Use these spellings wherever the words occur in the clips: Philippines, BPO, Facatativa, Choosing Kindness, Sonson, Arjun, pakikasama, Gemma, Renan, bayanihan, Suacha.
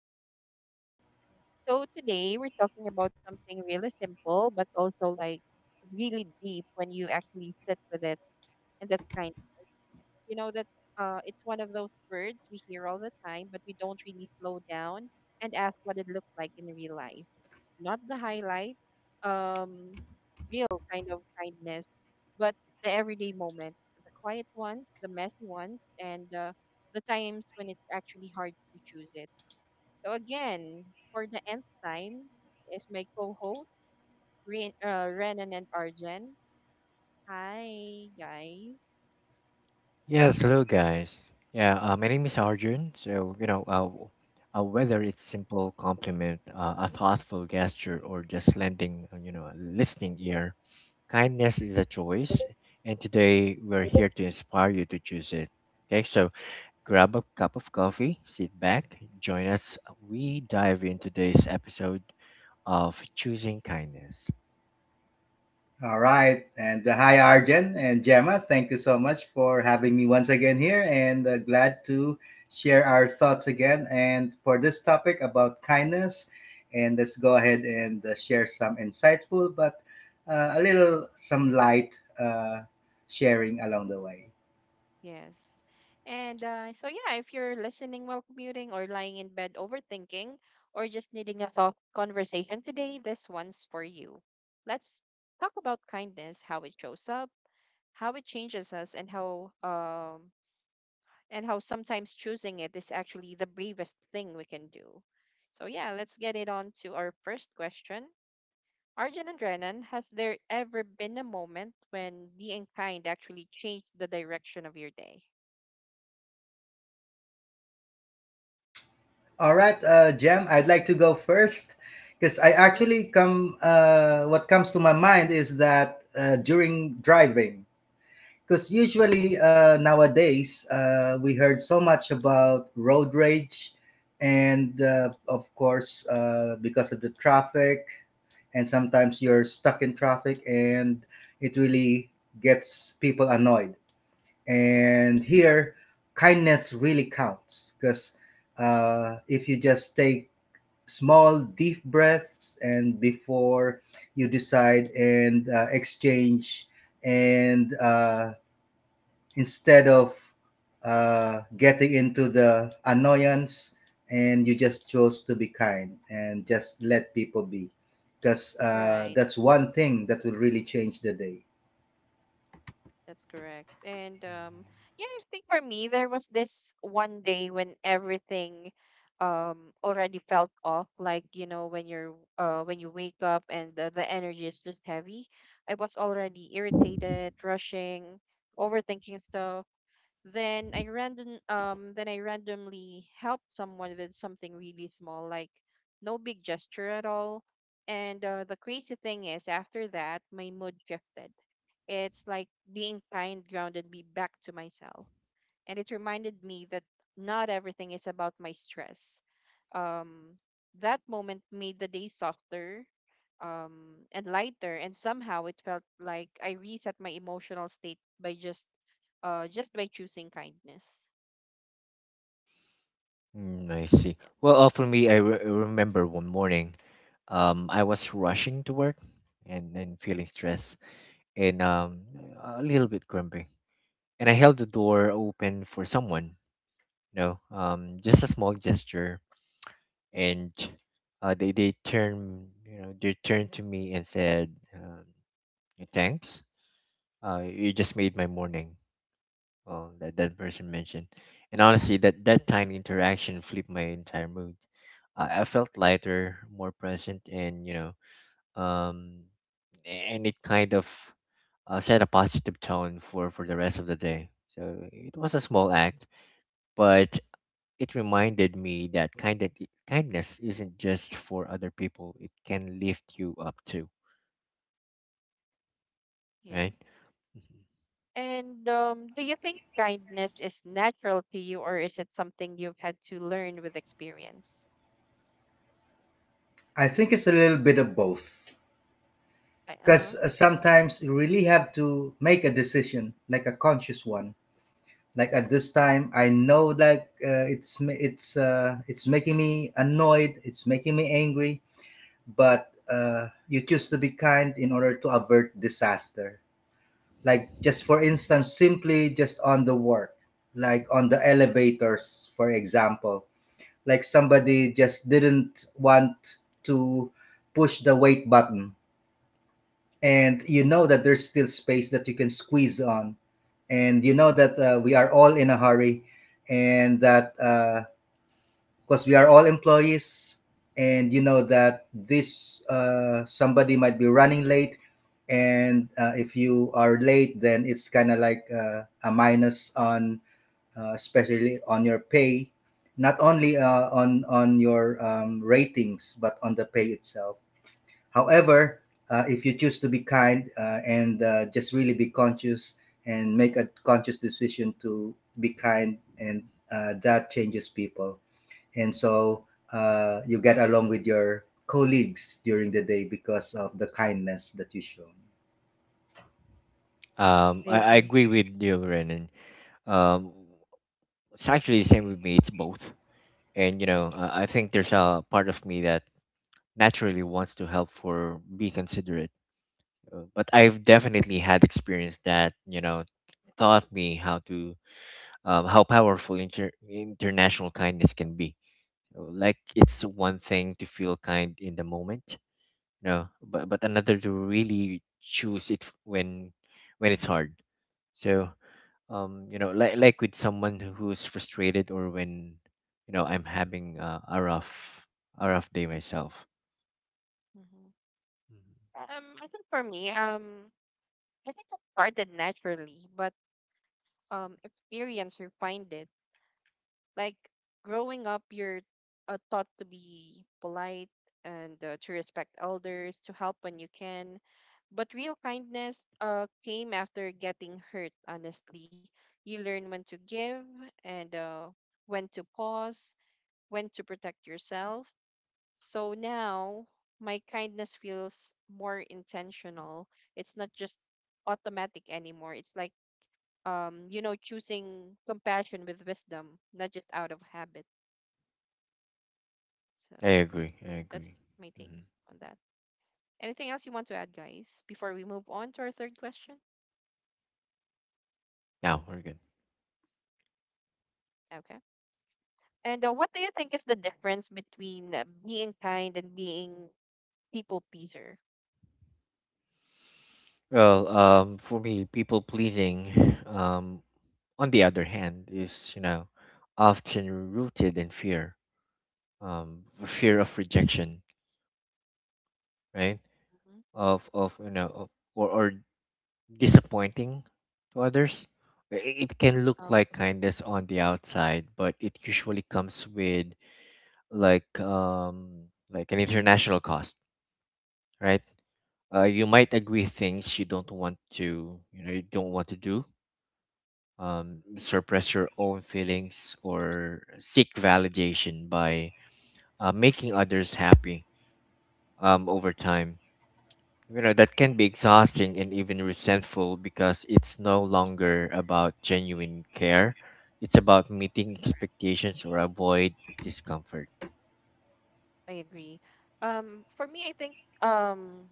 Choosing Kindness. So today we're talking about something really simple but also like really deep when you actually sit with it, and that's kindness. You know, that's it's one of those words we hear all the time, but we don't really slow down and ask what it looks like in real life, not the highlight um real kind of kindness, but the everyday moments, the quiet ones, the messy ones, and the times when it's actually hard to choose it. So again, for the nth time, is my co-host Renan, and Arjen. Hi guys. Yes, hello guys. Yeah, my name is Arjun. Whether it's simple compliment, a thoughtful gesture, or just lending, a listening ear, kindness is a choice. And today we're here to inspire you to choose it. Okay, so grab a cup of coffee, sit back, join us. We dive in today's episode of Choosing Kindness. All right. And Hi, Arjen and Gemma. Thank you so much for having me once again here, and glad to share our thoughts again. And for this topic about kindness, and let's go ahead and share some insightful but a little some light sharing along the way. Yes. And so, yeah, if you're listening while commuting or lying in bed overthinking or just needing a soft conversation today, this one's for you. Let's talk about kindness, how it shows up, how it changes us, and how sometimes choosing it is actually the bravest thing we can do. So yeah, let's get it on to our first question. Arjun and Renan, has there ever been a moment when being kind actually changed the direction of your day? All right, Jam, I'd like to go first because what comes to my mind is that during driving. Because usually nowadays we heard so much about road rage, and of course because of the traffic, and sometimes you're stuck in traffic, and it really gets people annoyed. And here, kindness really counts because if you just take small deep breaths and before you decide and exchange and instead of getting into the annoyance and you just chose to be kind and just let people be, because Right. that's one Mhm. thing that will really change the day. That's correct. And Mhm. Yeah, I think for me there was this one day when everything already felt off, like you know when you wake up and the energy is just heavy. I was already irritated, rushing, overthinking stuff. Then I randomly helped someone with something really small, like no big gesture at all. And the crazy thing is, after that my mood shifted. It's like being kind grounded me back to myself. And it reminded me that not everything is about my stress. Um, that moment made the day softer and lighter. And somehow it felt like I reset my emotional state by just by choosing kindness. I see. Yes. For me, remember one morning. I was rushing to work and feeling stressed and a little bit grumpy. And I held the door open for someone, just a small gesture. And they turned, they turned to me and said, thanks. You just made my morning. That person mentioned. And honestly, that tiny interaction flipped my entire mood. I felt lighter, more present, and um, and it kind of set a positive tone for the rest of the day. So it was a small act, but it reminded me that kindness isn't just for other people; it can lift you up too, Yeah. right? Mhm. And do you think kindness is natural to you, or is it something you've had to learn with experience? I think it's a little bit of both, because Uh-huh. Sometimes you really have to make a decision, like a conscious one. Like, at this time I know, like, it's making me annoyed, it's making me angry, but you choose to be kind in order to avert disaster. Like, just for instance, simply just on the work, like on the elevators, for example. Like, somebody just didn't want to push the wait button, and you know that there's still space that you can squeeze on, and you know that we are all in a hurry, and that because we are all employees, and you know that this, somebody might be running late, and if you are late then it's kind of like a minus on especially on your pay, not only on your ratings but on the pay itself. However, if you choose to be kind, and just really be conscious and make a conscious decision to be kind, and that changes people. And so you get along with your colleagues during the day because of the kindness that you show. Um, I I, I agree. agree with you, Renan. Um, it's actually the same with me. It's both, and I think there's a part of me that naturally wants to help for be considerate. But I've definitely had experience that taught me how to how powerful international kindness can be. Like it's one thing to feel kind in the moment, but another to really choose it when it's hard. So like with someone who's frustrated or when I'm having a rough day myself. Mm-hmm. Mhm. I think for me, I think it started naturally, but experience refined it. Like growing up, you're taught to be polite and to respect elders, to help when you can. But real kindness came after getting hurt, honestly. You learn when to give and when to pause, when to protect yourself. So now my kindness feels more intentional. It's not just automatic anymore. It's like, choosing compassion with wisdom, not just out of habit. So I yeah, agree. that's my take hmm on that. Anything else you want to add, guys, before we move on to our third question? Now we're good. Okay. And what do you think is the difference between being kind and being people pleaser? For me, people pleasing, on the other hand, is often rooted in fear, the fear of rejection, right? Hmm. Of you know of, or disappointing to others. I- i- It Oh, can look like kindness on the outside, but it usually comes with like an international cost, right? You might agree things you don't want to do, suppress your own feelings or seek validation by making others happy over time. You know, that can be exhausting and even resentful because it's no longer about genuine care. It's about correct. meeting expectations or avoid discomfort. I agree. For me, I think um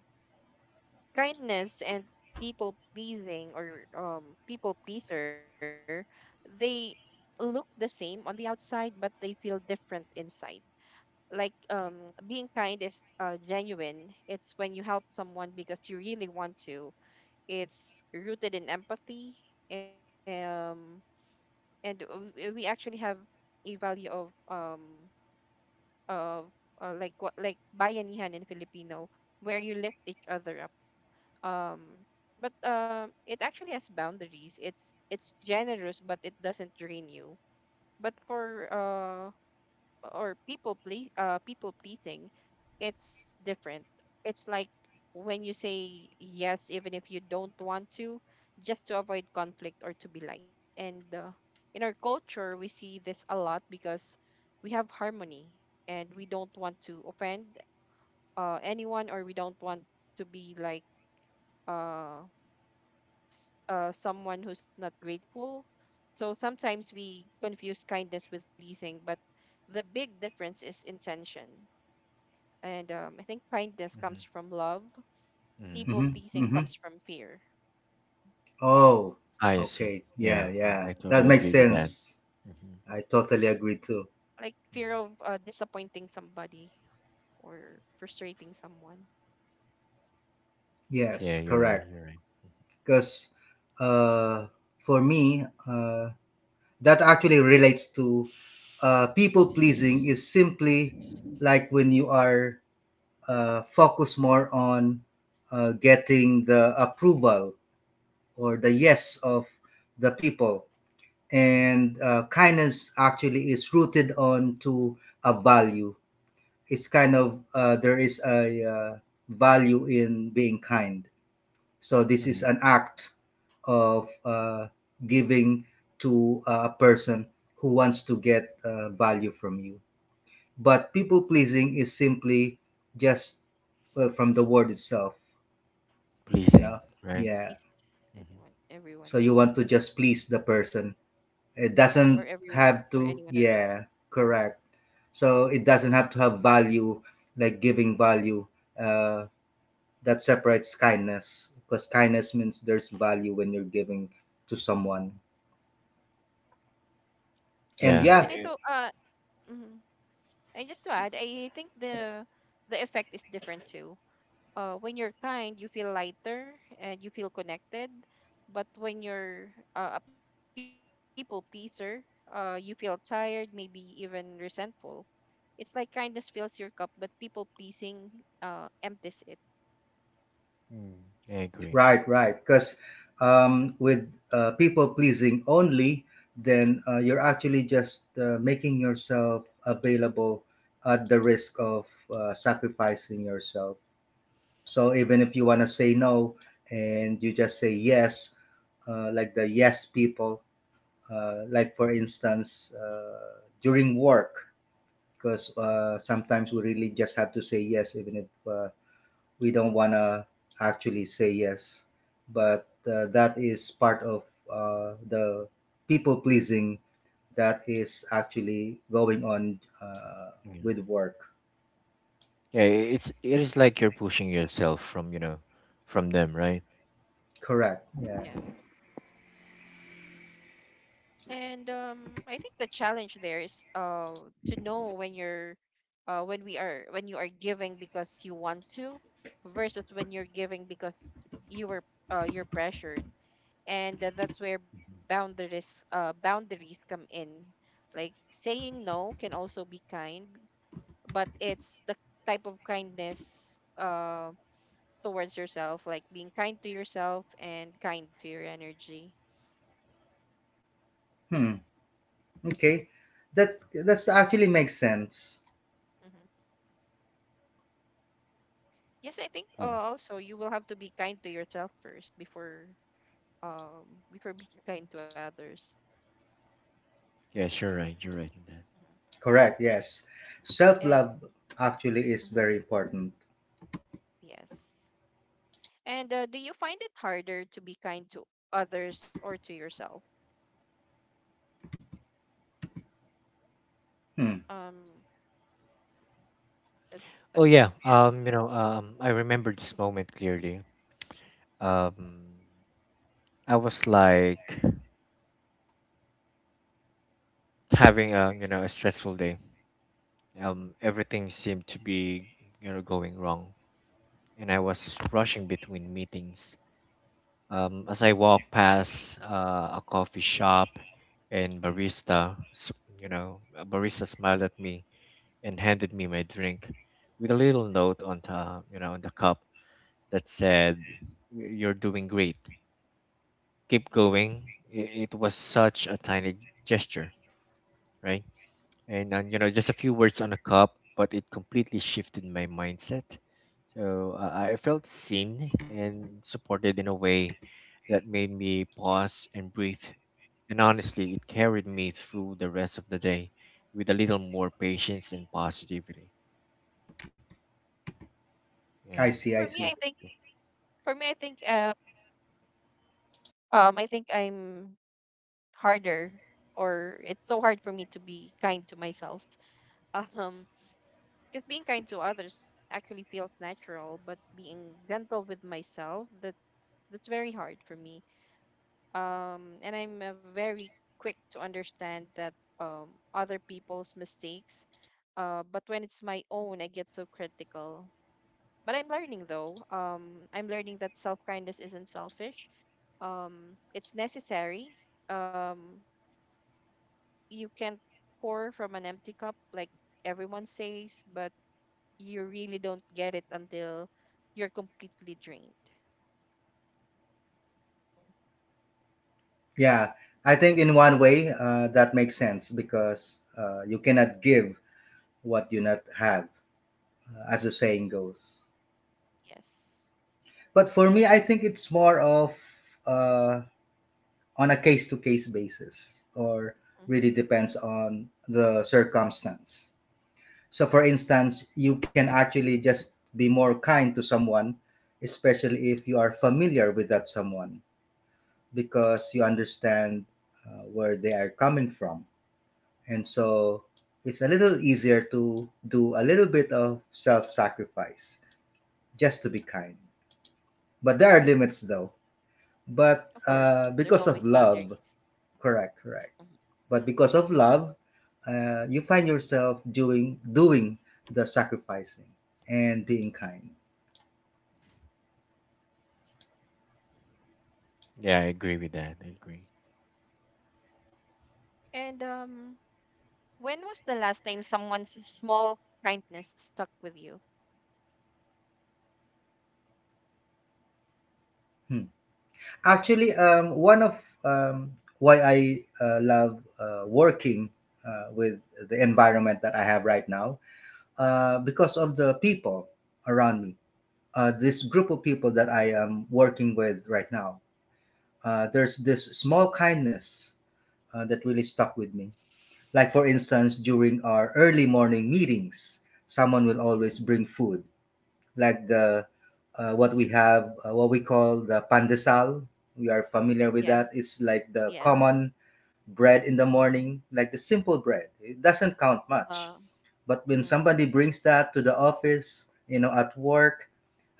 kindness and people pleasing, or people pleaser, they look the same on the outside, but they feel different inside. Like being kind is genuine. It's when you help someone because you really want to. It's rooted in empathy. um and we actually have a value of, of like, what, like bayanihan in Filipino, where you lift each other up. um but it actually has boundaries. It's generous, but it doesn't drain you. But for people pleasing, it's different. It's like when you say yes even if you don't want to, just to avoid conflict or to be liked. And in our culture we see this a lot because we have harmony, and we don't want to offend anyone, or we don't want to be like uh someone who's not grateful. So sometimes we confuse kindness with pleasing, but the big difference is intention. And I think kindness comes hmm from love. hmm People hmm pleasing hmm comes from fear. That's Oh, I see. okay. mhm, Yeah, Yeah, I, yeah. I That totally makes agree with that. sense. hmm I yeah. totally agree too. Like fear of disappointing somebody, or frustrating someone. Yes, correct. You're right. Because uh, for me, that actually relates to people pleasing is simply like when you are focused more on getting the approval or the yes of the people. And kindness actually is rooted on to a value. It's kind of there is a value in being kind. So this is hmm an act of giving to a person who wants to get value from you. But people pleasing is simply just, well, from the word itself, you pleasing, know. right? Yeah. Please hmm anyone, everyone So you want else, to just please the person. It or doesn't everyone, or have anyone to, around you. yeah, Mhm. correct. So it doesn't have to have value, like giving value. Uh, that separates kindness, because kindness means there's value when you're giving to someone. Yes, And and Yeah, I yeah, thought, I mhm. And just to add, I think the effect is different too. When you're kind, you feel lighter and you feel connected. But when you're a people pleaser, you feel tired, maybe even resentful. It's like kindness fills your cup, but people pleasing empties it. Mm. I agree. right, right. Because with people pleasing only, then you're actually just making yourself available at the risk of sacrificing yourself. So even if you want to say no and you just say yes, like the yes people, like for hmm instance, during work, because sometimes we really just have to say yes, even if we don't want to actually say yes. But that is part of the people pleasing that is actually going on Yeah. with work. It's it is like you're pushing yourself from from them, right? Correct. Yeah. Yeah. And I think the challenge there is to know when you're when we are when you are giving because you want to, versus when you're giving because you were you're pressured. And that's where boundaries come in. Like saying no can also be kind, but it's the type of kindness towards yourself, like being kind to yourself and kind to your energy. Hmm. Okay. That's actually makes sense. Mm-hmm. Yes, I think Yeah, also you will have to be kind to yourself first before being kind to others. yes, You're right in that. Hmm. Correct, yes. Self And love actually is mhm, very important. yes. And do you find it harder to be kind to others or to yourself? Hmm. Um, that's a, I remember this moment clearly. Um, I was like having a a stressful day. hmm Everything seemed to be going wrong, and I was rushing between meetings. As I walk past a coffee shop and barista, s- you know, a barista smiled at me and handed me my drink with a little note on the, on the cup that said, "You're doing great. Keep hmm going." It was such a tiny gesture, right? Just a few words on a cup, but it completely shifted my mindset. So I felt seen and supported in a way that made me pause and breathe and honestly, it carried me through the rest of the day with a little more patience and positivity. I Yeah, see, that, I For that- me, see. I that- think for me, I think I'm harder, or it's so hard for me to be kind to myself. Um, because being kind to others actually feels natural, but being gentle with myself, that's very hard for me. And I'm very quick to understand that other people's mistakes. But when it's my own, I get so critical. But I'm learning though. I'm learning that self-kindness isn't selfish. It's necessary. Um, you can't pour from an empty cup, like everyone says, but you really don't get it until you're completely drained. Yeah, I think in one way that makes sense, because you cannot give what you not have, as the saying goes. Yes. But for me, I think it's more of uh, on a case to case basis, or Mm-hmm. really depends on the circumstance. So, for instance, you can actually just be more kind to someone, especially if you are familiar with that someone, because you understand where they are coming from. And so it's a little easier to do a little bit of self sacrifice just to be kind. But there are Hmm. limits, though. But Of course, there's because of always love, boundaries. correct, correct. Hmm. But because of love, you find yourself doing the sacrificing and being kind. yeah, I agree with that. I agree. Yes. And when was the last time someone's small kindness stuck with you? Hmm. Actually, one of why I love working with the environment that I have right now, because of the people around me. This group of people that I am working with right now, there's this small kindness that really stuck with me. Like, for instance, during our early morning meetings, someone will always Hmm. bring food like the what we have, what we call the pandesal. We are familiar with that. Yeah. It's like the Yes. common bread in the morning, like the simple bread. It doesn't count much, Uh, but when hmm. somebody brings that to the office, you know, at work,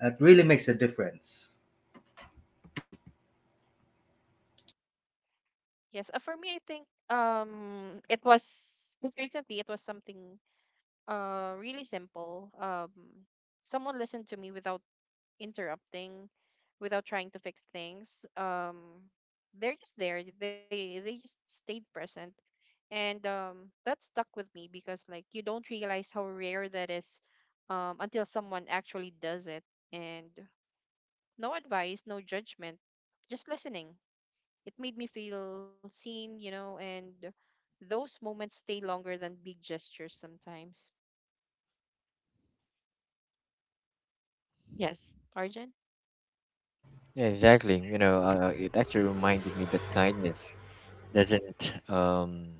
it really makes a difference. Yes. For me, I think it was most recently. It was something really simple. Someone listened to me without interrupting, without trying to fix things. They're just there. They just stayed present, and that stuck with me because, like, you don't realize how rare that is, until someone actually does it. And no advice, no judgment, just listening. It made me feel seen, and those moments stay longer than big gestures sometimes. Yes, Arjun. Yeah, exactly. It actually reminded me that kindness doesn't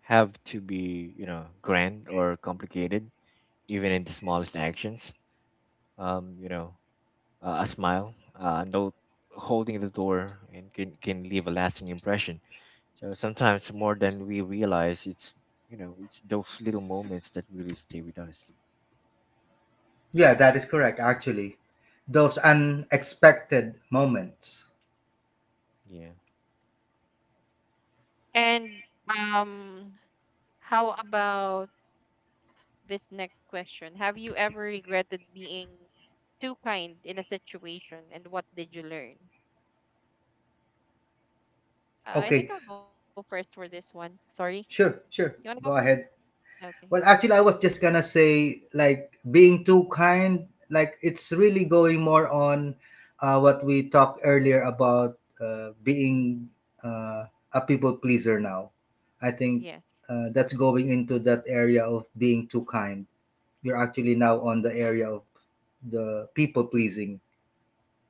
have to be, grand or complicated, even in the smallest actions. Um, you know, a smile, a note holding the door, and can leave a lasting impression. So sometimes more than we realize, it's it's those little moments that really stay with us. Yeah, that is correct. Actually, those unexpected moments. Yeah. And um, how about this next question. Have you ever regretted being too kind in a situation, and what did you learn? I think Okay, I'll go first for this one. Sorry. Yeah. sure, You want to go sure. first? Go ahead. Okay. Well, actually, I was just gonna say, like, being too kind. Like, it's really going more on what we talked earlier about being a people pleaser. Now, I think Yes. That's going into that area of being too kind. You're actually now on the area of the people pleasing.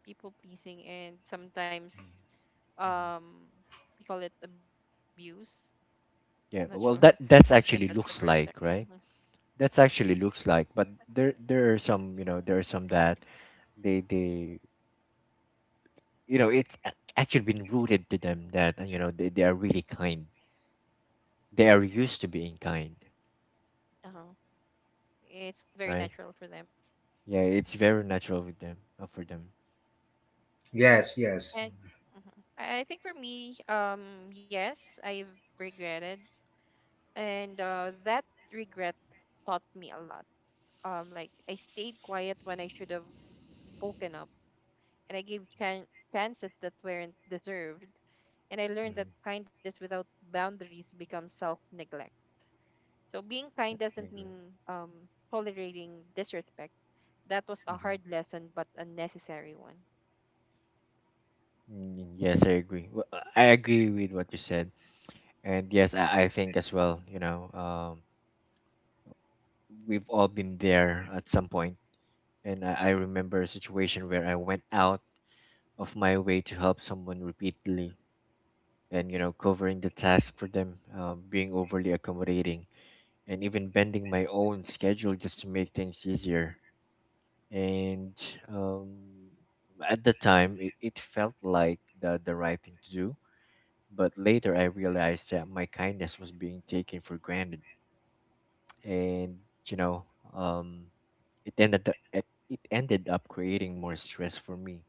People pleasing, and sometimes Mm-hmm. um we call it abuse. Not sure Yeah. Well, if that that's the that's correct actually term. looks Mhm. like right. That's actually looks like, but there are some there are some that they you know it's a- actually been rooted to them that they are really kind. They are used to being kind, Uh-huh. It's very right? natural for them. Yeah, Hmm. it's very natural with them, for them. Yes, yes. And Yeah. mhm. I think for me, yes, I've regretted, and that regret taught me a lot. Like, I stayed quiet when I should have spoken up, and I gave chances that weren't deserved. And I learned that hmm kindness without boundaries becomes self-neglect. So being kind I doesn't agree. mean tolerating disrespect. That was a hmm hard lesson, but a necessary one. Yes, I agree. I agree with what you said, and Mhm. yes, I think as well. We've all been there at some point, and I remember a situation where I went out of my way to help someone repeatedly, and covering the task for them, being overly accommodating, and even bending my own schedule just to make things easier. And um, at the time it felt like the right thing to do but later I realized that my kindness was being taken for granted and you know um, it ended up, it ended up creating more stress for me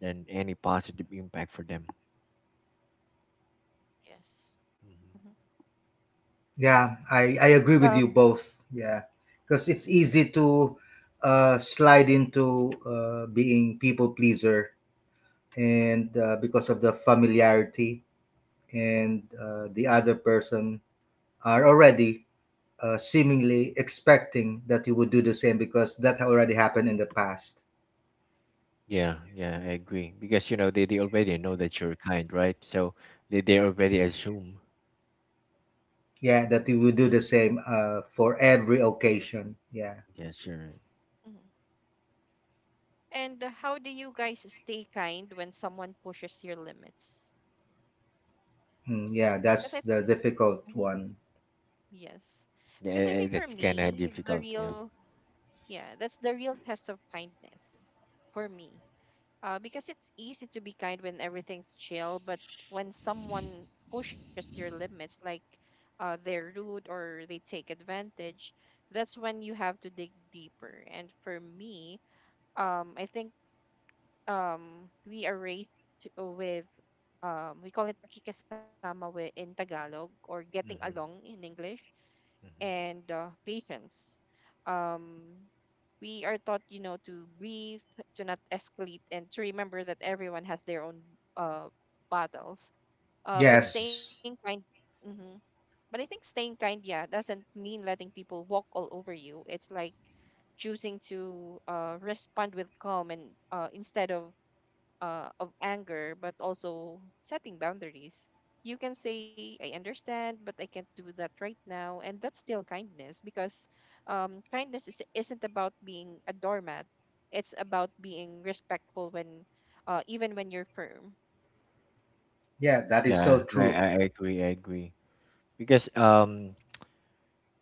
than any positive impact for them. Yes. Mhm. Mhm. Yeah, I agree Um, with you both. Yeah, because it's easy to slide into being people pleaser, and because of the familiarity and the other person are already seemingly expecting that you would do the same because that already happened in the past. Yeah I agree because they already know that you're kind right so they already assume. Yeah, that you would do the same for Mhm. every occasion. Yeah. Yes, you're right. mhm. And how do you guys stay kind when someone pushes your limits? Mm, yeah, Because I that's think, the difficult one. yes. Because I think Yeah, for that's kind of me, difficult, yeah. Yeah, that's the real test of kindness for me. Because it's easy to be kind when everything's chill, but when someone pushes your limits, like, they're rude or they take advantage, that's when you have to dig deeper. And for me, I think we are raised to- with, we call it pakikasama in Tagalog, or getting along hmm in English, and patience. Um, we are taught, to breathe, to not escalate, and to remember that everyone has their own uh, battles. But Mhm. staying Yes. kind, hmm but I think staying kind, yeah, doesn't mean letting people walk all over you. It's like choosing to respond with calm, and instead of anger, but also setting boundaries. You can say, I understand, but I can't do that right now. And that's still kindness because kindness isn't about being a doormat, it's about being respectful even when you're firm. Yeah, that is so true. I agree. I agree because um,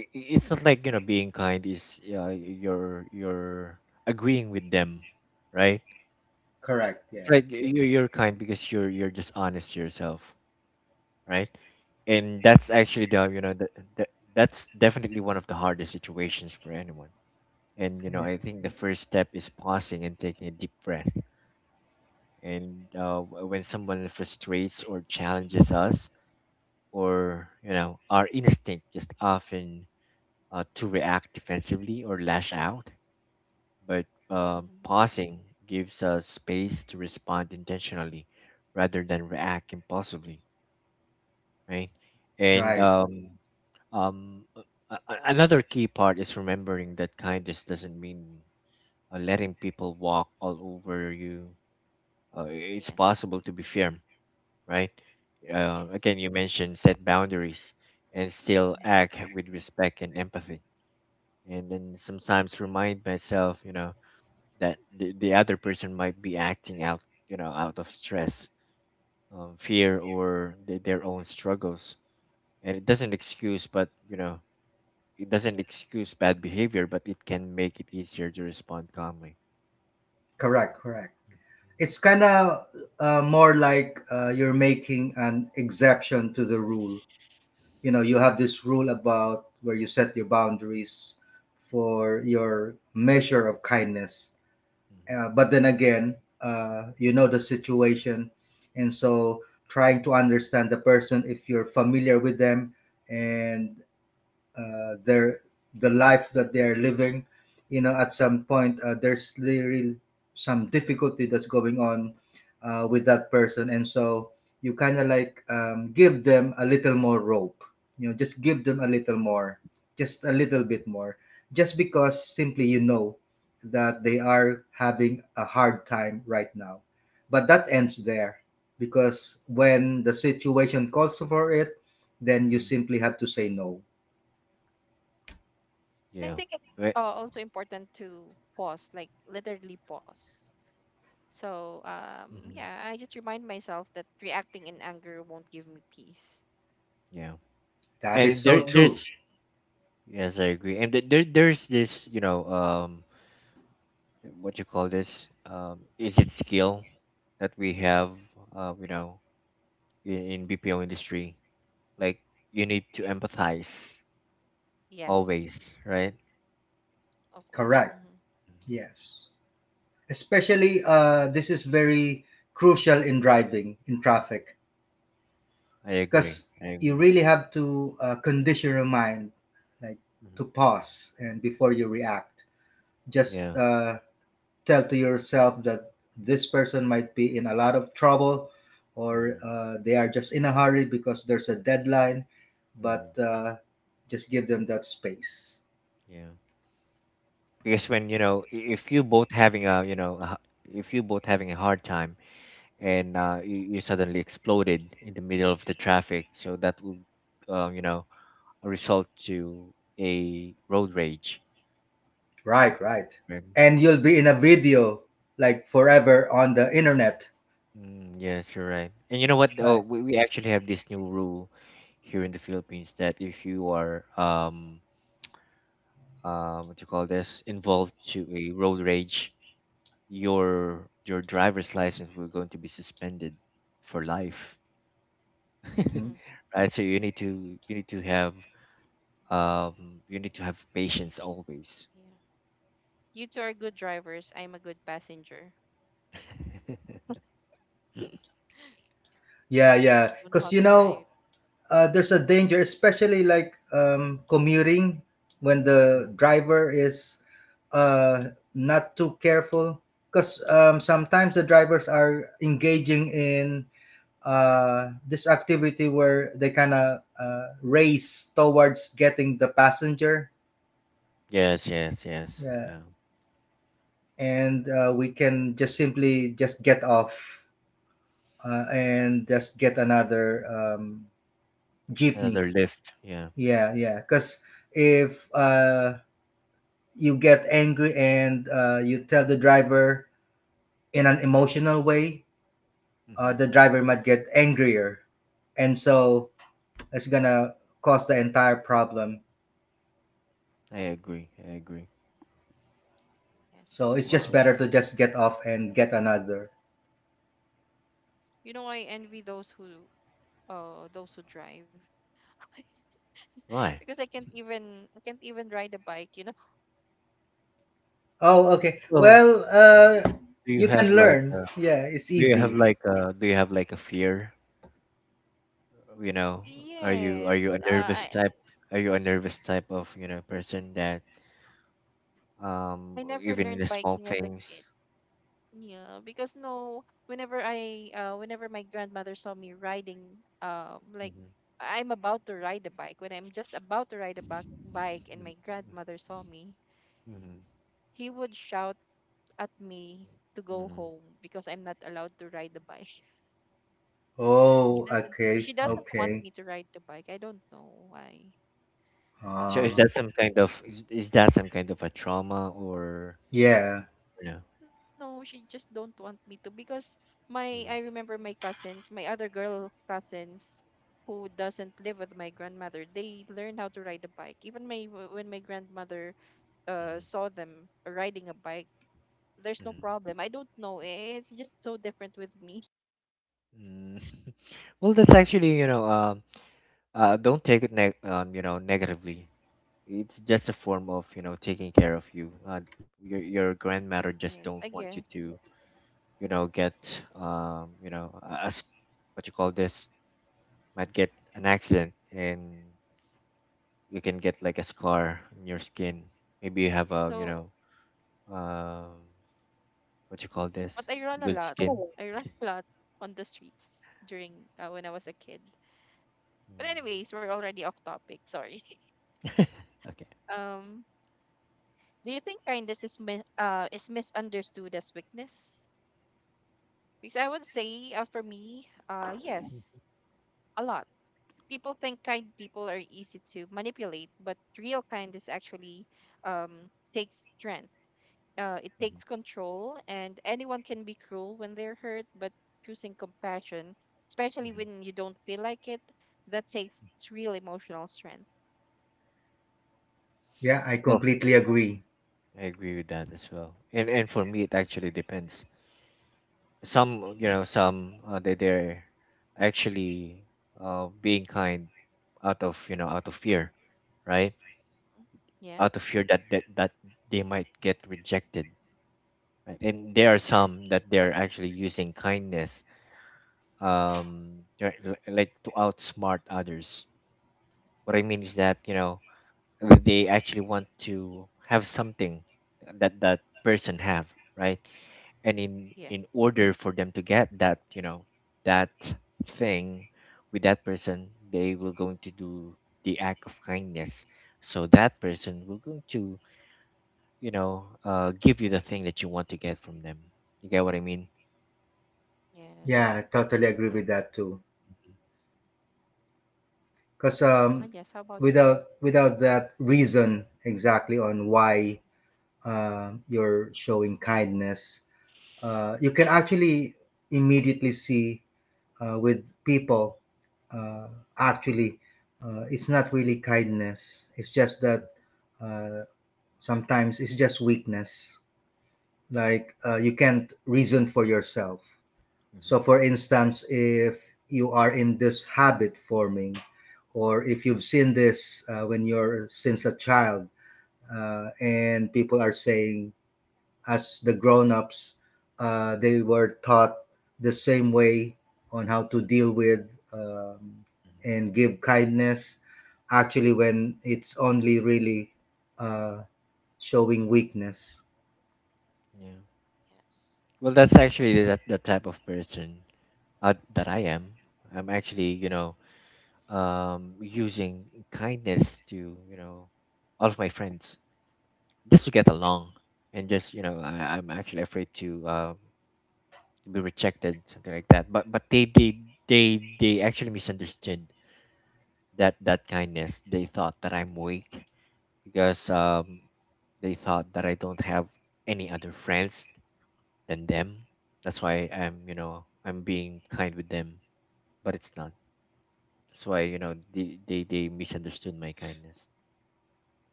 i- i- it's not like being kind is you're agreeing with them, right? Correct. It's Yeah. like you're kind because you're just honest to yourself, right? And that's actually the the that's definitely one of the hardest situations for anyone. And Yeah, I think the first step is pausing and taking a deep breath. And when someone frustrates or challenges us, or our instinct is often to react defensively or lash out but Hmm. pausing gives us space to respond intentionally rather than react impulsively, right? And right. Um, a- another key part is remembering that kindness doesn't mean letting people walk all over you. It's Yes, possible to be firm, right? Yes. Again, you mentioned set boundaries and still Hmm. act with respect and empathy. And then sometimes remind myself, you know, that the other person might be acting out, you know, out of stress, fear, or their own struggles. And it doesn't excuse, but, you know, it doesn't excuse bad behavior, but it can make it easier to respond calmly. Correct, correct. It's kind of more like you're making an exception to the rule. You know, you have this rule about where you set your boundaries for your measure of kindness, Mm-hmm. But then again, you know the situation, and so trying to understand the person if you're familiar with them, and their the life that they are living. You know, at some point, there's really some difficulty that's going on with that person, and so you kind of like give them a little more rope. You know, just give them a little more, just a little bit more, just because simply you know that they are having a hard time right now. But that ends there, because when the situation calls for it, then you hmm simply have to say no. And I Yeah. think it's Right. Also important to pause, like literally pause. So, yeah, hmm I just remind myself that reacting in anger won't give me peace. Yeah. That is And there, so true. there's Yes, I agree. And th- there, there's this, what you call this? Is it skill that we have, uh, you know, in BPO industry? Like you need to empathize Yes. always, right? Of course. Correct. Mm-hmm. Mhm. Yes. Especially, this is very crucial in driving in traffic, because I you agree. really have to condition your mind, like to hmm pause and before you react. Just Yeah. Tell to yourself that this person might be in a lot of trouble, or hmm they are just in a hurry because there's a deadline. hmm But just give them that space. Yeah. Because when you know, I- if you both having a, you know, a, if you both having a hard time, and you suddenly exploded in the middle of the traffic, so that would, uh, you know result to a road rage. Right, right. Right. And you'll be in a video like forever on the internet, Yes, you're right. And you know what? Oh, right? We actually have this new rule here in the Philippines that if you are what do you call this involved to a road rage, your driver's license will going to be suspended for life. Mm. Mm, Right? So you need to have you need to have patience always. yeah. You two are good drivers. I'm a good passenger. Yeah, yeah. I don't know Because how you to know, drive. There's a danger, especially like commuting when the driver is not too careful. Because sometimes the drivers are engaging in this activity where they kind of race towards getting the passenger. Yes. Yeah. Yeah. And we can just simply just get off and just get another jeepney. Another lift. Yeah. Yeah, yeah, because if you get angry and you tell the driver in an emotional way, hmm the driver might get angrier, and so it's gonna cause the entire problem. I agree. So it's Yes. just Well, better to just get off and get another. You know, I envy those who drive why? because I can't even ride a bike. Oh, okay, Well, well, do you you can have like a, learn, yeah, it's do you have easy. like a, do you have like a fear? You know, Yes. are you a I nervous type? Are you a nervous type of, you know, person that I never even in learned the small biking as a things? kid. Yeah, because no, whenever I whenever my grandmother saw me riding um like Mm-hmm. I'm about to ride a bike when I'm just about to ride a bike and my grandmother saw me. Mm-hmm. He would shout at me to go Mm-hmm. home because I'm not allowed to ride the bike. Oh, He doesn't okay, She I doesn't see. want okay. me to ride the bike. I don't know why. So Uh, is that some kind of a trauma or yeah, you know? No, she just don't want me to because my I remember my cousins, my other girl cousins who doesn't live with my grandmother, they learn how to ride a bike. Even when my grandmother Mm-hmm. Saw them riding a bike, there's no problem. I don't know. It's just so different with me. Mm. Well, that's actually, you know, don't take it negatively. It's just a form of, you know, taking care of you. Your your grandmother just Yes, don't I want you to, guess. you know, get, um, you know, a, a s- what you call this, might get an accident and you can get like a scar in your skin. Maybe you have a, So, um, what you call this, but I run a good lot. skin. Oh. I run a lot on the streets during when I was a kid. But Mm. anyways, we're already off topic. Sorry. Okay. Um, do you think kindness is misunderstood as weakness? Because I would say, for me, yes, a lot. People think kind people are easy to manipulate, but real kindness actually takes strength. It hmm takes control, and anyone can be cruel when they're hurt, but choosing compassion, especially hmm when you don't feel like it, that takes real emotional strength. yeah, I Well, completely agree. I agree with that as well. And for me, it actually depends. Mhm. Some, some they they're actually being kind out of out of fear, right? Yeah, Out of fear that they might get rejected, right? And there are some that they're actually using kindness, they're like to outsmart others. What I mean is that they actually want to have something that that person have, right? And in yeah, in order for them to get that you know that thing with that person, they will going to do the act of kindness, so that person will going to give you the thing that you want to get from them. You get what I mean? Yeah, I yes. totally agree with that too. Because And um, yes. How about without without that reason exactly on why you're showing kindness, you can actually immediately see with people. Uh, Actually, it's not really kindness. It's just that uh, sometimes it's just weakness, like you can't reason for yourself. Mhm, So for instance, if you are in this habit forming, or if you've seen this when you're since a child, and people are saying as the grown-ups, they were taught the same way on how to deal with um, mhm. and give kindness actually when it's only really uh, showing weakness. Yeah. yes? Well, that's actually that the type of person that I am. I'm actually, using kindness to, all of my friends. Just to get along, and just I'm actually afraid to, be rejected, something like that, but they actually misunderstood that kindness. They thought that I'm weak because they thought that I don't have any other friends than them. That's why I'm you know I'm being kind with them. But it's not. That's why, they misunderstood my kindness.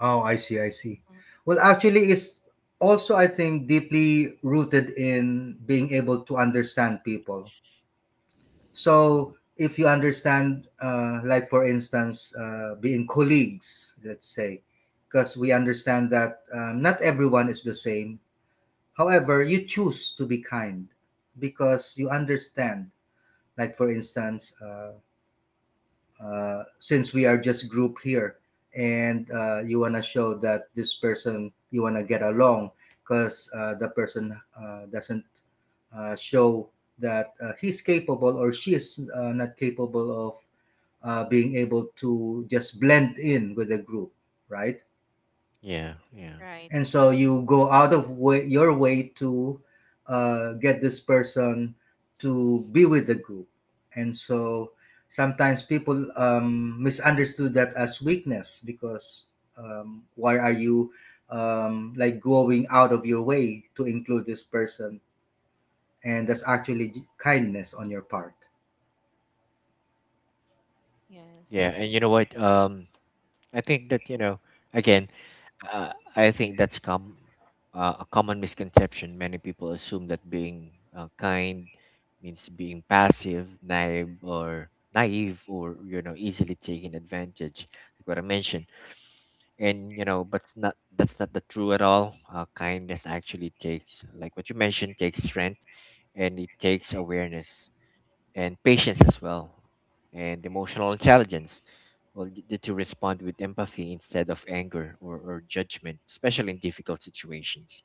Oh, I see, I see. Mhm. Well, actually, it's also, I think, deeply rooted in being able to understand people. Mhm. So, if you understand, like for instance, being colleagues, let's say, because we understand that not everyone is the same. However, you choose to be kind because you understand. Like for instance, since we are just group here and you want to show that this person you want to get along because the person doesn't show that he's capable or she is not capable of being able to just blend in with the group, right? Yeah, yeah, Right? And so you Mhm. go out of your way to get this person to be with the group. And so sometimes people misunderstood that as weakness because why are you like going out of your way to include this person, and that's actually kindness on your part. yeah. Yeah. Yes. And you know what? I I think that, again, I think that's a common misconception. Many people assume that being kind means being passive, naive, or, easily taken advantage, like what I mentioned. And, but it's not that's not the true at all. Kindness actually takes, like what you mentioned, takes strength, and it takes awareness and patience as well, and emotional intelligence. Well, to respond with empathy instead of anger or judgment, especially in difficult situations.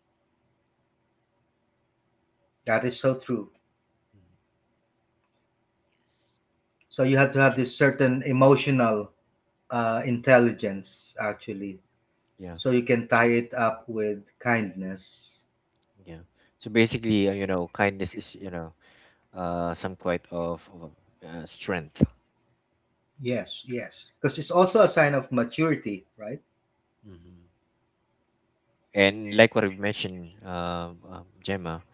That is so true. Mhm. yes. So you have to have this Yes. certain emotional intelligence, actually. Yeah, So you can S- tie it up with kindness. yeah. So basically, kindness is some quite of, strength. Yes, yes. Because it's also a sign of maturity, right? Hmm. And like what I've mentioned, Gemma,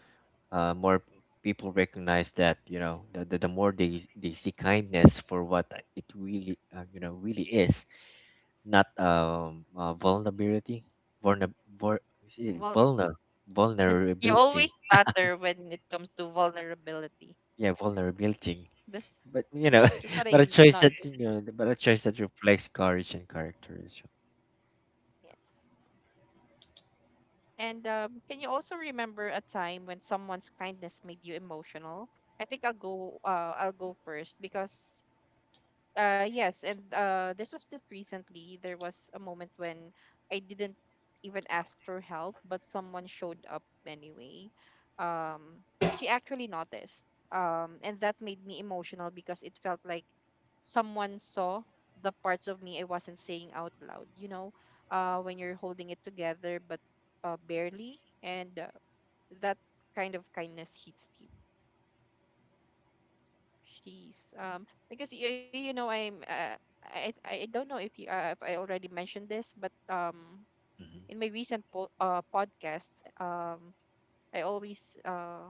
more people recognize that, the, more they see kindness for what it really really is, not vulnerability. Vulner, vul, is it Well, vulner? you always Vulnerability. stutter when it comes to vulnerability. Yeah, vulnerability, That's but you know that's what but a I choice that you noticed. know but a choice that reflects courage and character as well. Yes. And can you also remember a time when someone's kindness made you emotional? I think I'll go. I'll go first because yes, and this was just recently. There was a moment when I didn't even ask for help, but someone showed up anyway. Um, she actually noticed. And that made me emotional because it felt like someone saw the parts of me I wasn't saying out loud. You know, when you're holding it together, but barely, and that kind of kindness hits deep. Jeez. Because you know, I'm I don't know if you if I already mentioned this, but Hmm. in my recent podcasts, I always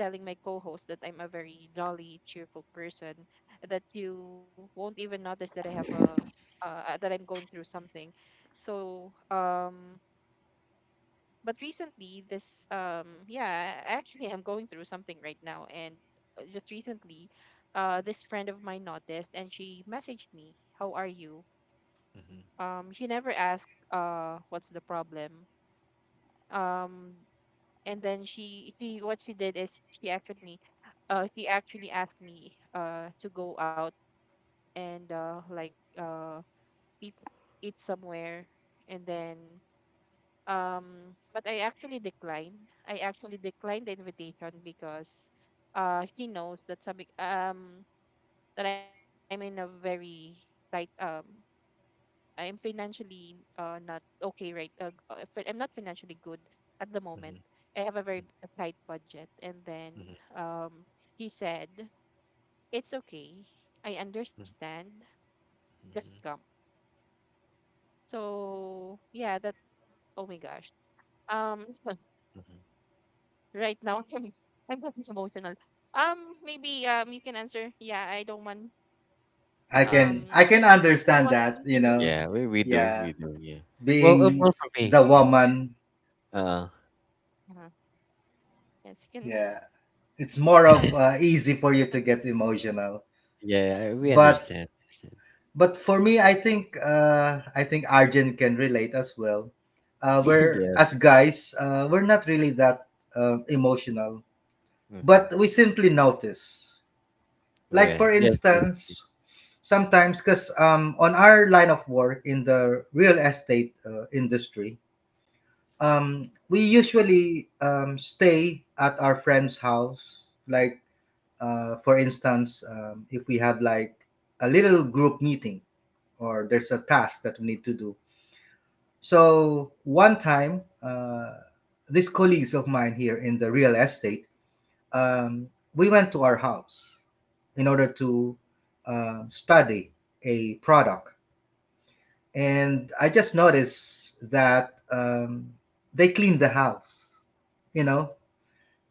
telling my co-host that I'm a very jolly, cheerful person, that you won't even notice that I have a that I'm going through something. So but recently this yeah actually I'm going through something right now and just recently this friend of mine noticed and she messaged me, how are you? Hmm. She never asked what's the problem. um and then she what she did is she actually asked me to go out and uh eat, eat somewhere. And then but I actually declined. I actually declined the invitation because she knows that sabi, that I'm in a very tight I'm financially not okay right I'm not financially good at the moment. Hmm. I have a very a tight budget and then Hmm. um he said it's okay. I Hmm. understand. Just come. So yeah, that, oh my gosh. Um Hmm. right now. I'm getting emotional. Um, maybe you can answer. Yeah, I can um Hmm. I can I don't want understand to that, you continue. know. Yeah, we, we do Yeah, we do yeah. Well, being well, for me, the woman, uh Uh-huh. Yes, you can. yeah. It's more of easy for you to get emotional. yeah, we But understand, understand. but for me, I think I think Arjun can relate as well. Uh, we're Yes. as guys, uh, we're not really that emotional, Mm-hmm. but we simply notice. Like Well, for yes, yes, yes. instance, sometimes because on our line of work in the real estate industry, we usually stay at our friend's house, like for instance, if we have like a little group meeting or there's a task that we need to do. So one time, these colleagues of mine here in the real estate, um, we went to our house in order to study a product. And I just noticed that they cleaned the house, you know,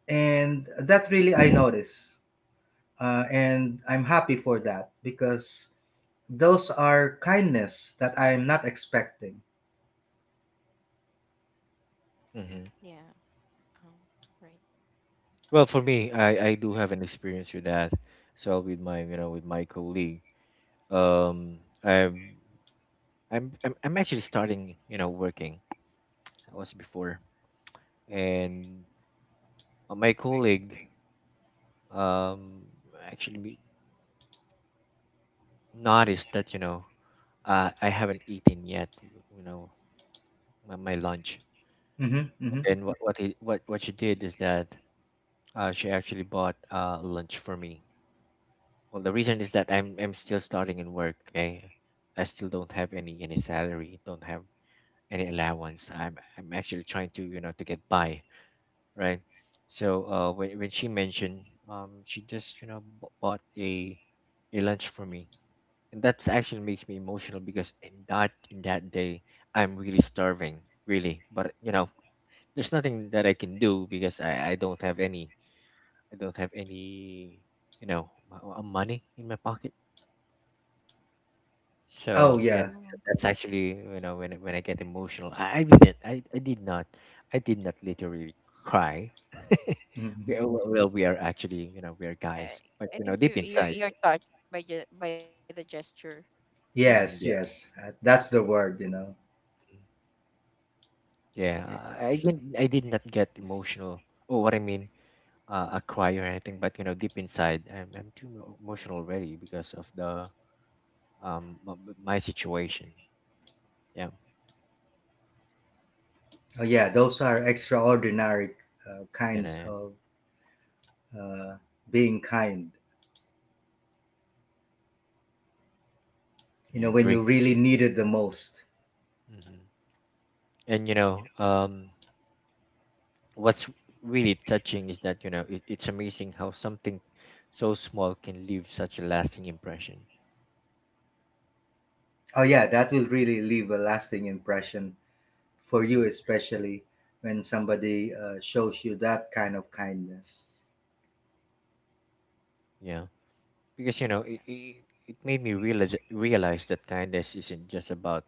and that really I noticed. And I'm happy for that because those are kindness that I'm not expecting. Mm-hmm. Yeah. Oh, right. Well, for me, I do have an experience with that. So with my, colleague, um, I'm I'm actually starting, working. I was before, and my colleague um actually noticed that, I haven't eaten yet. You know, my lunch. Hmm. Hmm. And what he, what she did is that, she actually bought lunch for me. Well, the reason is that I'm still starting in work. I still don't have any salary, don't have any allowance. I'm actually trying to you know to get by, right? So when she mentioned, she just bought a lunch for me, and that actually makes me emotional, because in that day I'm really starving, really. But, there's nothing that I can do because I don't have any money in my pocket. Oh, So yeah, yeah. Oh. That's actually, when I get emotional, I did not literally cry. Hmm. Well, we are actually, you know we are I, guys, but, I think you deep you're inside, you're touched by the gesture. mm, Yes, yeah, yes. That's the word, you know. You're yeah. touched. I did not get emotional. Oh, what I mean, a cry or anything, but, deep inside, I'm too emotional already because of the my situation. Yeah, Oh yeah, those are extraordinary and kinds I, of uh, being kind. You I know, when you agree. Yeah. really need it the most. Hmm. And, what's really touching is that, it's amazing how something so small can leave such a lasting impression. Oh yeah, that will really leave a lasting impression for you, Yeah. especially when somebody shows you that kind of kindness. Yeah. Because, Yeah. it made me realize that kindness isn't just about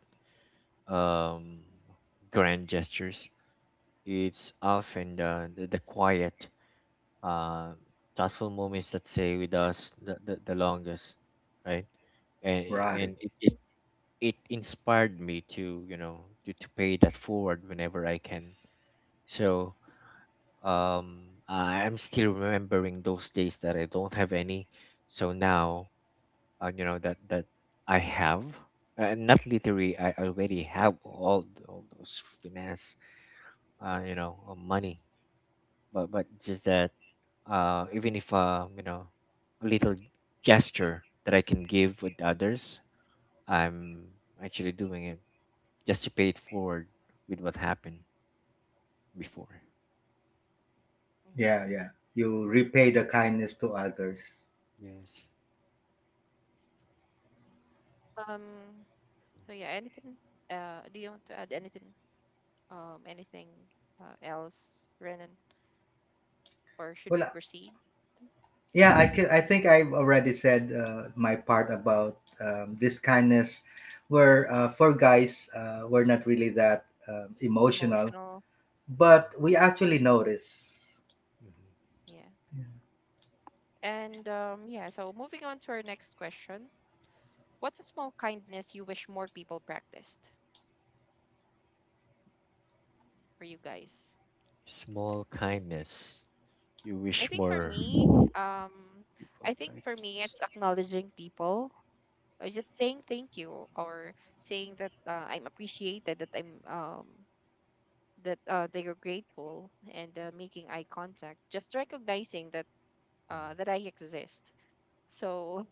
um grand gestures. It's often the quiet, uh thoughtful moments that stay with us the longest, right? And Right. It inspired me to you know to pay that forward whenever I can. So, I'm still remembering those days that I don't have any. So now, that I have, not literally, I already have all, all those finance, money, but just that, even if, a little gesture that I can give with others, I'm actually doing it, just to pay it forward with what happened before. Mm. Yeah, yeah. You repay the kindness to others. Yes. Um. So yeah. Anything? Do you want to add anything? Anything else, Renan? Or should we Well, proceed? yeah, I Mhm. can, I think I've already said my part about this kindness. Where Mm-hmm. For guys, we're not really that emotional, Emotional. but we actually notice. Mhm. Yeah. And yeah, so moving on to our next question. What's a small kindness you wish more people practiced for you guys? Small kindness you I wish think for more me, um, people I think for me, practice. it's acknowledging people. Just saying thank you or saying that I'm appreciated, that I'm that they are grateful, and making eye contact. Just recognizing that Mhm. That I exist. So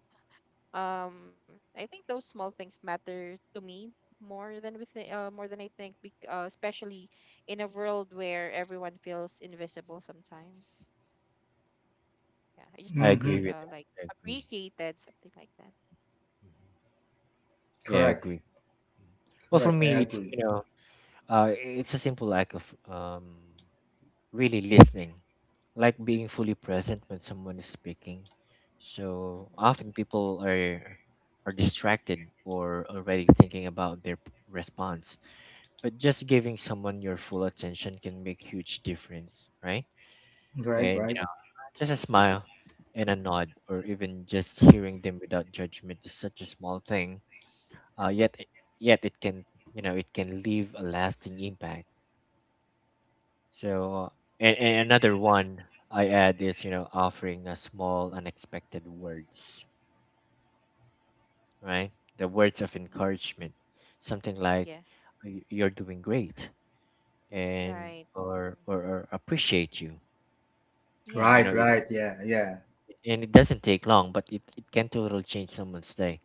um I think those small things matter to me more than we think more than I think especially in a world where everyone feels invisible sometimes. Yeah, I just want I to be Mm-hmm. agree with like that. I agree. appreciated, something like that. Mhm. Yeah, I Correct. agree. Mhm. Well, for Correct. I me, agree. It's a simple act of, um, really listening, like being fully present when someone is speaking. So Mm-hmm. often people are distracted or already thinking about their response, but just giving someone your full attention can make huge difference, right? Right. And, Right. just a smile and a nod, or even just hearing them without judgment is such a small thing. Yet, yet it can leave a lasting impact. So, and Yes. another one I add is, offering a small, unexpected words, right? The words of Mm. encouragement, something like, Yes. "You're doing great," and Right. or Mm. or, or "Appreciate you," and, Right. Yes. Right. Yeah. Yeah. It doesn't take long, but it can totally change someone's day.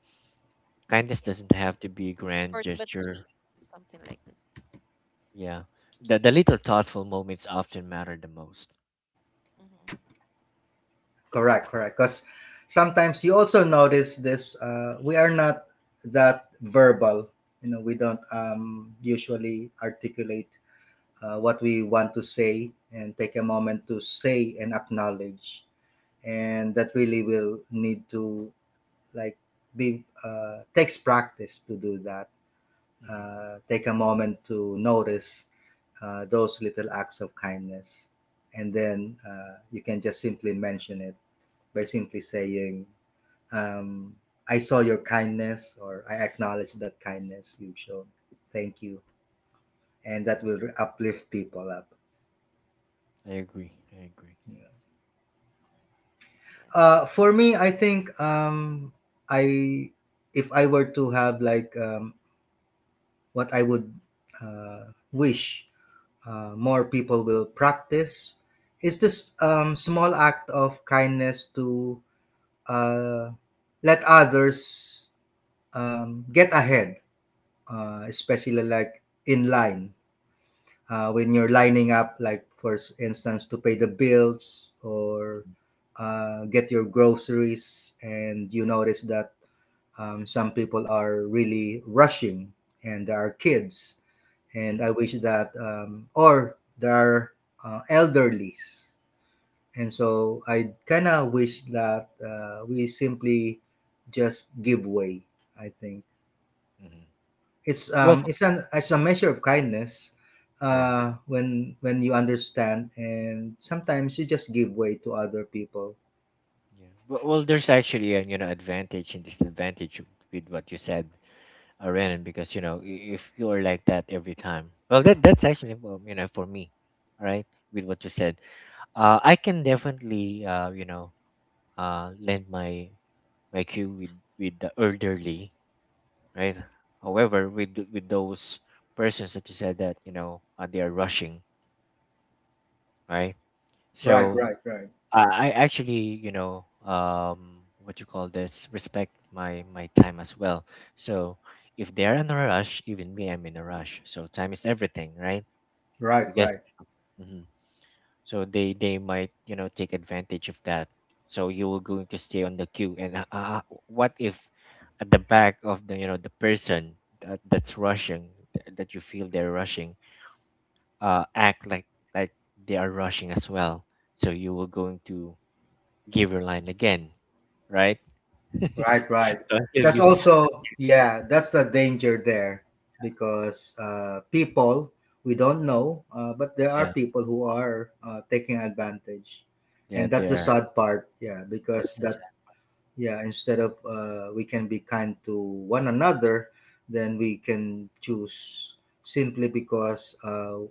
Yeah, Kindness doesn't have to be a short grand but sweet, gesture. something like that. Yeah. The little thoughtful moments often matter the most. Mm-hmm. Correct. Correct. Because sometimes you also notice this. We are not that verbal. You know, we don't usually articulate what we want to say and take a moment to say and acknowledge. And that really will need to like be takes practice to do that. Hmm. Uh, take a moment to notice those little acts of kindness. And then you can just simply mention it by simply saying, um, "I saw your kindness," or "I acknowledge that kindness you've shown, thank you." And that will uplift people up. I agree. I agree. Yes. For me, I think I, if I were to have like what I would wish more people will practice is this small act of kindness to uh, let others get ahead, especially like in line. Uh, when you're lining up, like for instance, to pay the bills or get your groceries, and you notice that some people are really rushing, and there are kids, and I Hmm. wish that, or there are elderlies, and so I kind of wish that we simply just give way. I think. Hmm. It's Well, um it's an it's a measure of kindness yeah. When you understand and sometimes you just give way to other people. Yeah. Well, there's actually a, advantage and disadvantage with what you said, Renan, because, if you're like that every time, well, that's actually, well, for me, all right, with what you said, I can definitely, lend my cue with the elderly, right? However, with those persons that you said that, they are rushing, right? Right, So, right, right. I actually, what you call this, respect my time as well. So if they are in a rush, even me, I'm in a rush. So time is everything, right? Right, Because. right. Mhm. So they might, take advantage of that, so you were going to stay on the queue, and what if at the back of the, the person that's rushing, that you feel they're rushing, act like, like they are rushing as well, so you were going to give your line again, right? So Right, right. until That's you. also, yeah, that's the danger there because people, we don't know, but there are Yeah, people who are taking advantage. yeah, And that's the there, sad part, yeah, because that's a that, sad- yeah, instead of we can be kind to one another, then we can choose simply because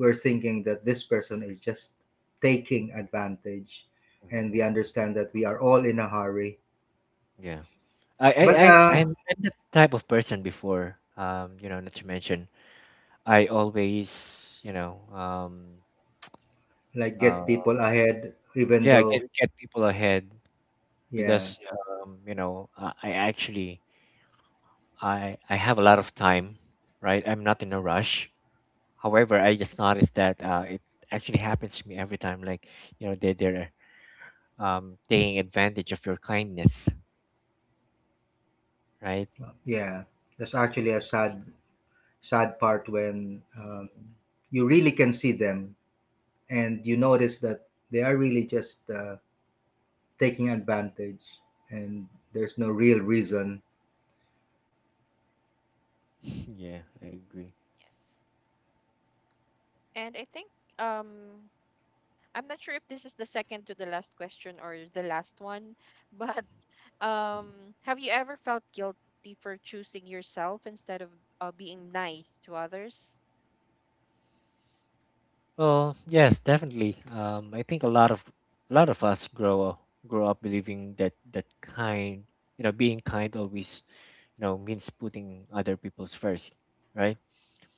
we're thinking that this person is just taking advantage, mhm, and we understand that we are all in a hurry. yeah. I, I But i I'm that type of person before, not to mention, I always, like uh, get people ahead, even yeah, though get people ahead yeah, because, I actually I have a lot of time, right? I'm not in a rush. However, I just noticed that, it actually happens to me every time. Like, they're taking advantage of your kindness, right? yeah, that's actually a Right. sad part when Mm. You really can see them and you notice that they are really just taking advantage and there's no real reason. Yeah, I agree. Yes. And I think um I'm not sure if this is the second to the last question or the last one, but have you ever felt guilty for choosing yourself instead of being nice to others? Well, yes, definitely. I think a lot of us grow up believing that, being kind always, means putting other people's first, right?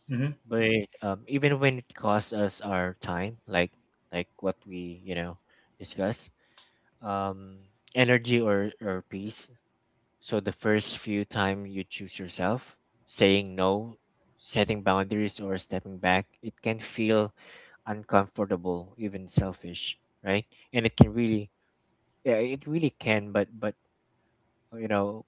Hmm. But, even when it costs us our time, like what we, discuss, um energy or peace. So the first few time you choose yourself, saying no, setting boundaries, or stepping back, it can feel uncomfortable, even selfish, right? And it can really, yeah, it really can, but you know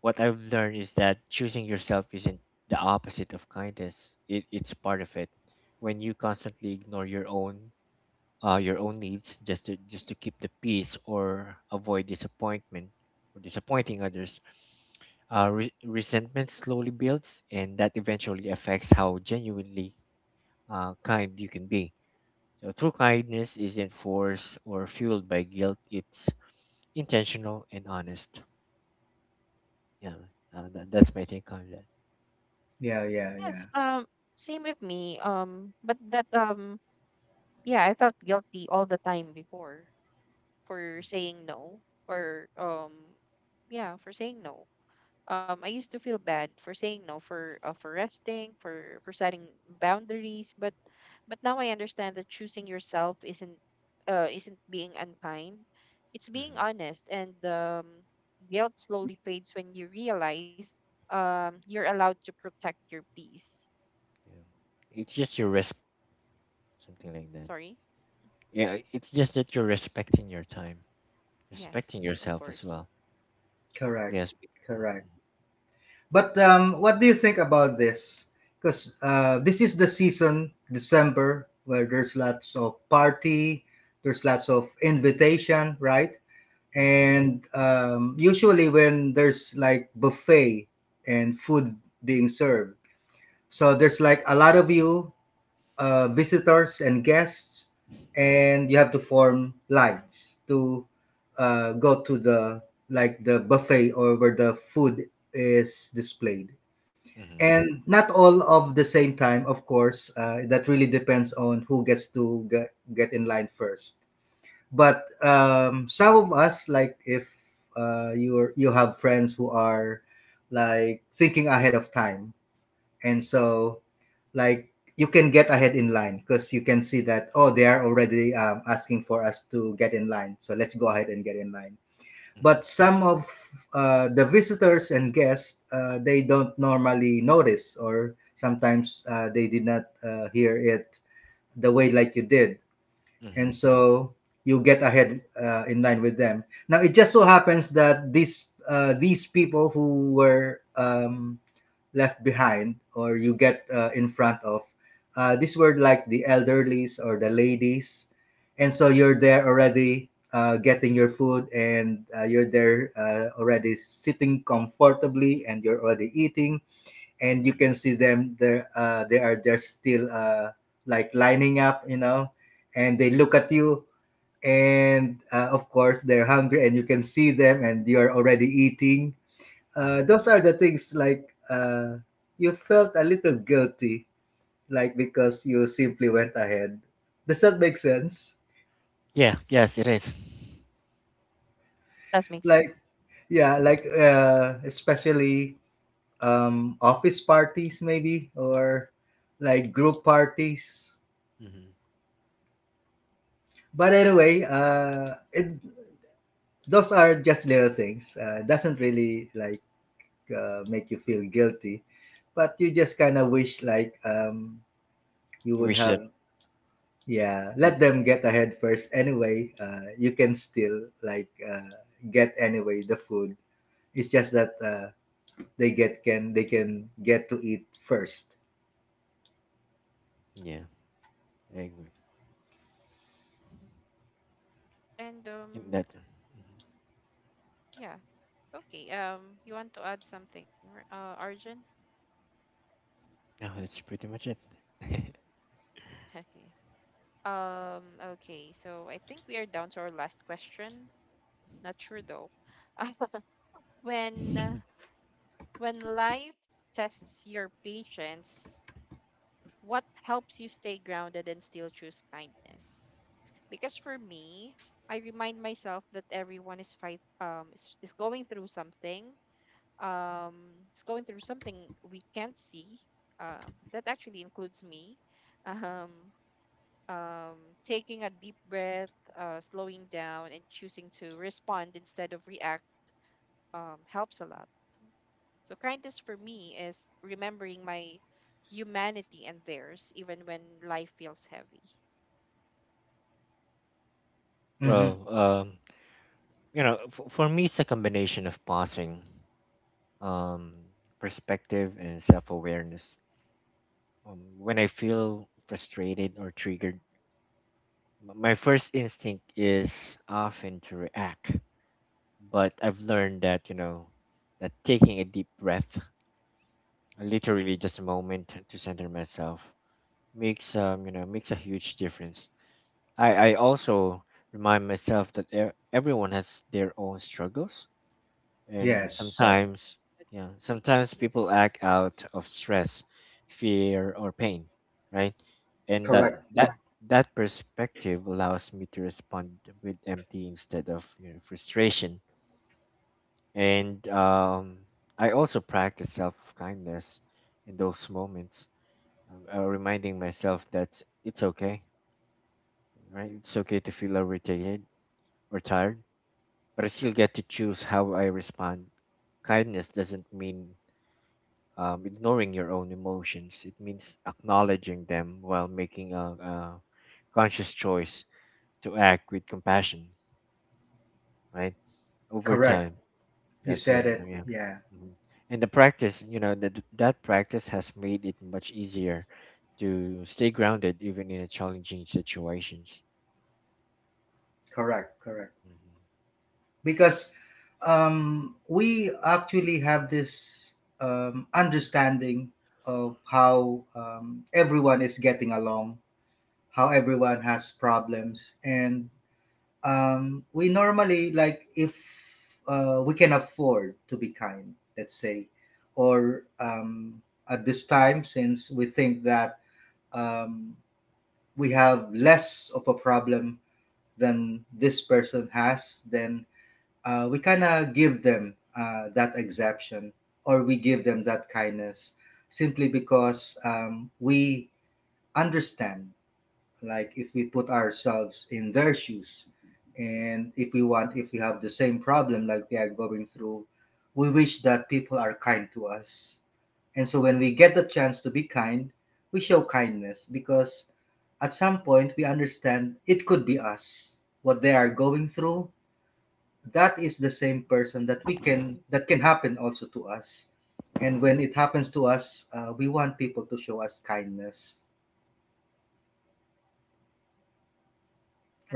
what I've learned is that choosing yourself isn't the opposite of kindness. It's part of it. When you constantly ignore your own needs, just to keep the peace or avoid disappointment or disappointing others, resentment slowly builds, and that eventually affects how genuinely, kind you can be. So true kindness isn't forced or fueled by guilt. It's intentional and honest. Yeah, that's my take on that. Yeah, yeah, Yes, yeah. Same with me. But that yeah, I felt guilty all the time before for saying no, or yeah, for saying no. I used to feel bad for saying no, for resting, for setting boundaries. But now I understand that choosing yourself isn't being unkind. It's Mhm. being Mhm. honest, and guilt slowly fades when you realize you're allowed to protect your peace. Yeah. It's just you're respecting your time, something like that. Sorry. Yeah, it's just that you're respecting your time, respecting Yes, of yourself as course. well. Correct, Yes. correct. But um, what do you think about this? Because this is the season December where there's lots of party, there's lots of invitation, right? Mm-hmm. Mm. And um, usually when there's like buffet and food being served, so there's like a lot of you visitors and guests, and you have to form lines to go to the like the buffet or where the food is displayed. Mm-hmm. Mm-hmm. And not all of the same time, of course. That really depends on who gets to get in line first. But some of us, like if you you have friends who are like thinking ahead of time, and so like you can get ahead in line because you can see that oh they are already asking for us to get in line, so let's go ahead and get in line. But some of the visitors and guests, they don't normally notice or sometimes they did not hear it the way like you did. And Mm-hmm. so you get ahead in line with them. Now it just so happens that these people who were left behind or you get in front of, these were like the elderlies or the ladies. And so you're there already getting your food, and you're there already sitting comfortably and you're already eating, and you Mm-hmm. can see them there they are just still like lining up, you know. And they look at you, and of course they're hungry and you can see them and you're already eating. Uh, Mm-hmm. those are the things like you felt a little guilty, like because you simply went ahead. Does that make sense? Yeah, yes, it is. Does make Like, sense. yeah, Mm-hmm. like especially office parties, maybe, or like group parties. Mm-hmm. But anyway, it, those are just little things. It doesn't really like make you feel guilty, but you just kind of wish like you I would wish that. have. Yeah, you- let them get ahead first. Anyway, you can still like get anyway the food. It's just that they get can they can get to eat 1st. Yeah, I agree. Mhm. And In that. Mm-hmm. yeah. Okay. You want to add something, Arjun? No, that's pretty much it. Okay. Okay. So I think we are down to our last question. Not sure though. when uh, When life tests your patience, what helps you stay grounded and still choose kindness? Because for me, I remind myself that everyone is is going through something is going through something we can't see. That actually includes me. Um, taking a deep breath, slowing down, and choosing to respond instead of react helps a lot. So kindness for me is remembering my humanity and theirs, even when life feels heavy. Mm-hmm. Well, for me, it's a combination of pausing, um, perspective and self awareness. When I feel frustrated or triggered, my first instinct is often to react. But I've learned that, taking a deep breath, literally Hmm. just a moment to center myself, makes, makes a huge difference. I also remind myself that everyone has their own struggles, and Yes, Yes. sometimes, yeah, Agree. sometimes people act out of stress, fear, or pain, right? And that correct, that Yeah. That perspective allows me to respond with empty instead of, frustration, and, I also practice self-kindness in those moments, reminding myself that it's okay, right? It's okay to feel irritated or tired, but I still get to choose how I respond. Kindness doesn't mean, ignoring your own emotions. It means acknowledging them while making a conscious choice to act with compassion, right? Over correct. time, You that's said over. it. Yeah. Yeah, Mhm. And the practice, that practice has made it much easier to stay grounded, even in a challenging situations. correct, correct. Hmm. Because we actually have this understanding of how everyone is getting along, how everyone has problems, and we normally, like if we can afford to be kind, let's say, or at this time since we think that um, we have less of a problem than this person has, then we kind of give them that exemption or we give them that kindness simply because we understand. Like if we put ourselves in their shoes and if we want, if we have the same problem like they are going through, we wish that people are kind to us. And so when we get the chance to be kind, we show kindness because at some point we understand it could be us what they are going through. That is the same person that we can, that can happen also to us. And when it happens to us, we want people to show us kindness,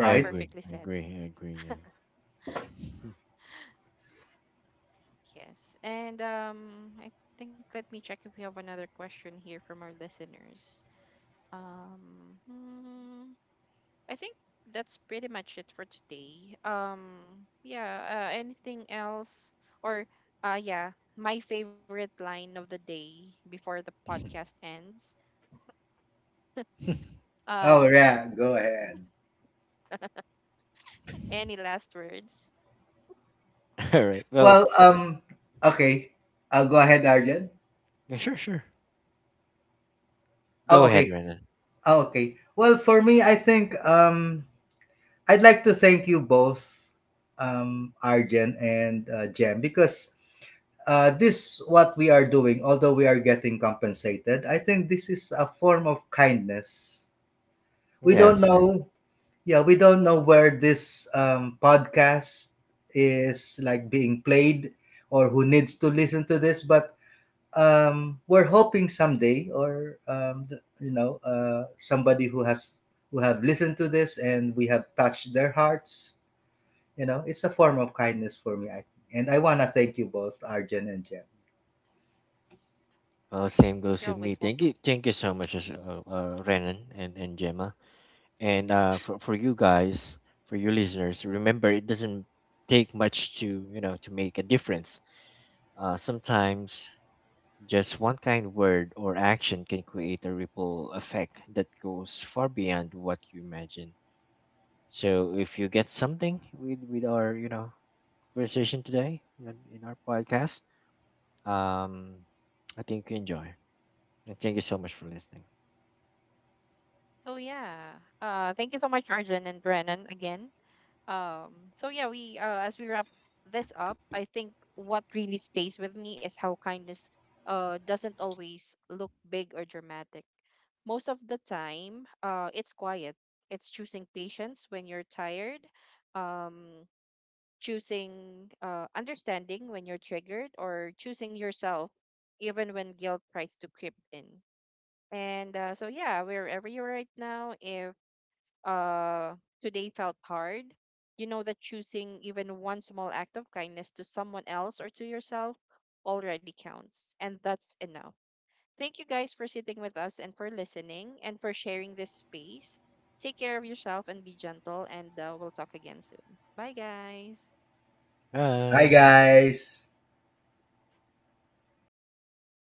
I agree. perfectly I said. agree. I agree. Yeah. Yes. And I think let me check if we have another question here from our listeners. Hmm. I think that's pretty much it for today. Yeah, anything else? Or, yeah, my favorite line of the day before the podcast ends. Oh Um, yeah, go ahead. any last words? All right. Well, Well, okay. I'll go ahead, Arjun. yeah, sure, sure. Go Oh, ahead, okay. Renan. Oh, okay. Well, for me, I think I'd like to thank you both, Arjun and Jem, because this what we are doing, although we are getting compensated, I think this is a form of kindness. We don't Yes, I. know, yeah, we don't know where this podcast is like being played or who needs to listen to this, but we're hoping someday, or you know, somebody who has, who have listened to this and we have touched their hearts. You know, it's a form of kindness for me. I, and I wanna thank you both, Arjun and Jem. Well, same You're goes always with me. welcome. Thank you so much, Renan and Gemma, and, for you guys, for you listeners, remember it doesn't take much to you know to make a difference. Sometimes just one kind word or action can create a ripple effect that goes far beyond what you imagine. So if you get something with our, conversation today in our podcast, um, I think you enjoy. And thank you so much for listening. So, yeah, thank you so much, Arjun and Brennan, again. So yeah, we as we wrap this up, I think what really stays with me is how kindness doesn't always look big or dramatic. Most of the time, it's quiet. It's choosing patience when you're tired, um, choosing understanding when you're triggered, or choosing yourself even when guilt tries to creep in. And so yeah, wherever you're right now, if uh, today felt hard, you know that choosing even one small act of kindness to someone else or to yourself already counts, and that's enough. Thank you guys for sitting with us and for listening and for sharing this space. Take care of yourself and be gentle, and we'll talk again soon. Bye, guys. Bye, Bye. guys.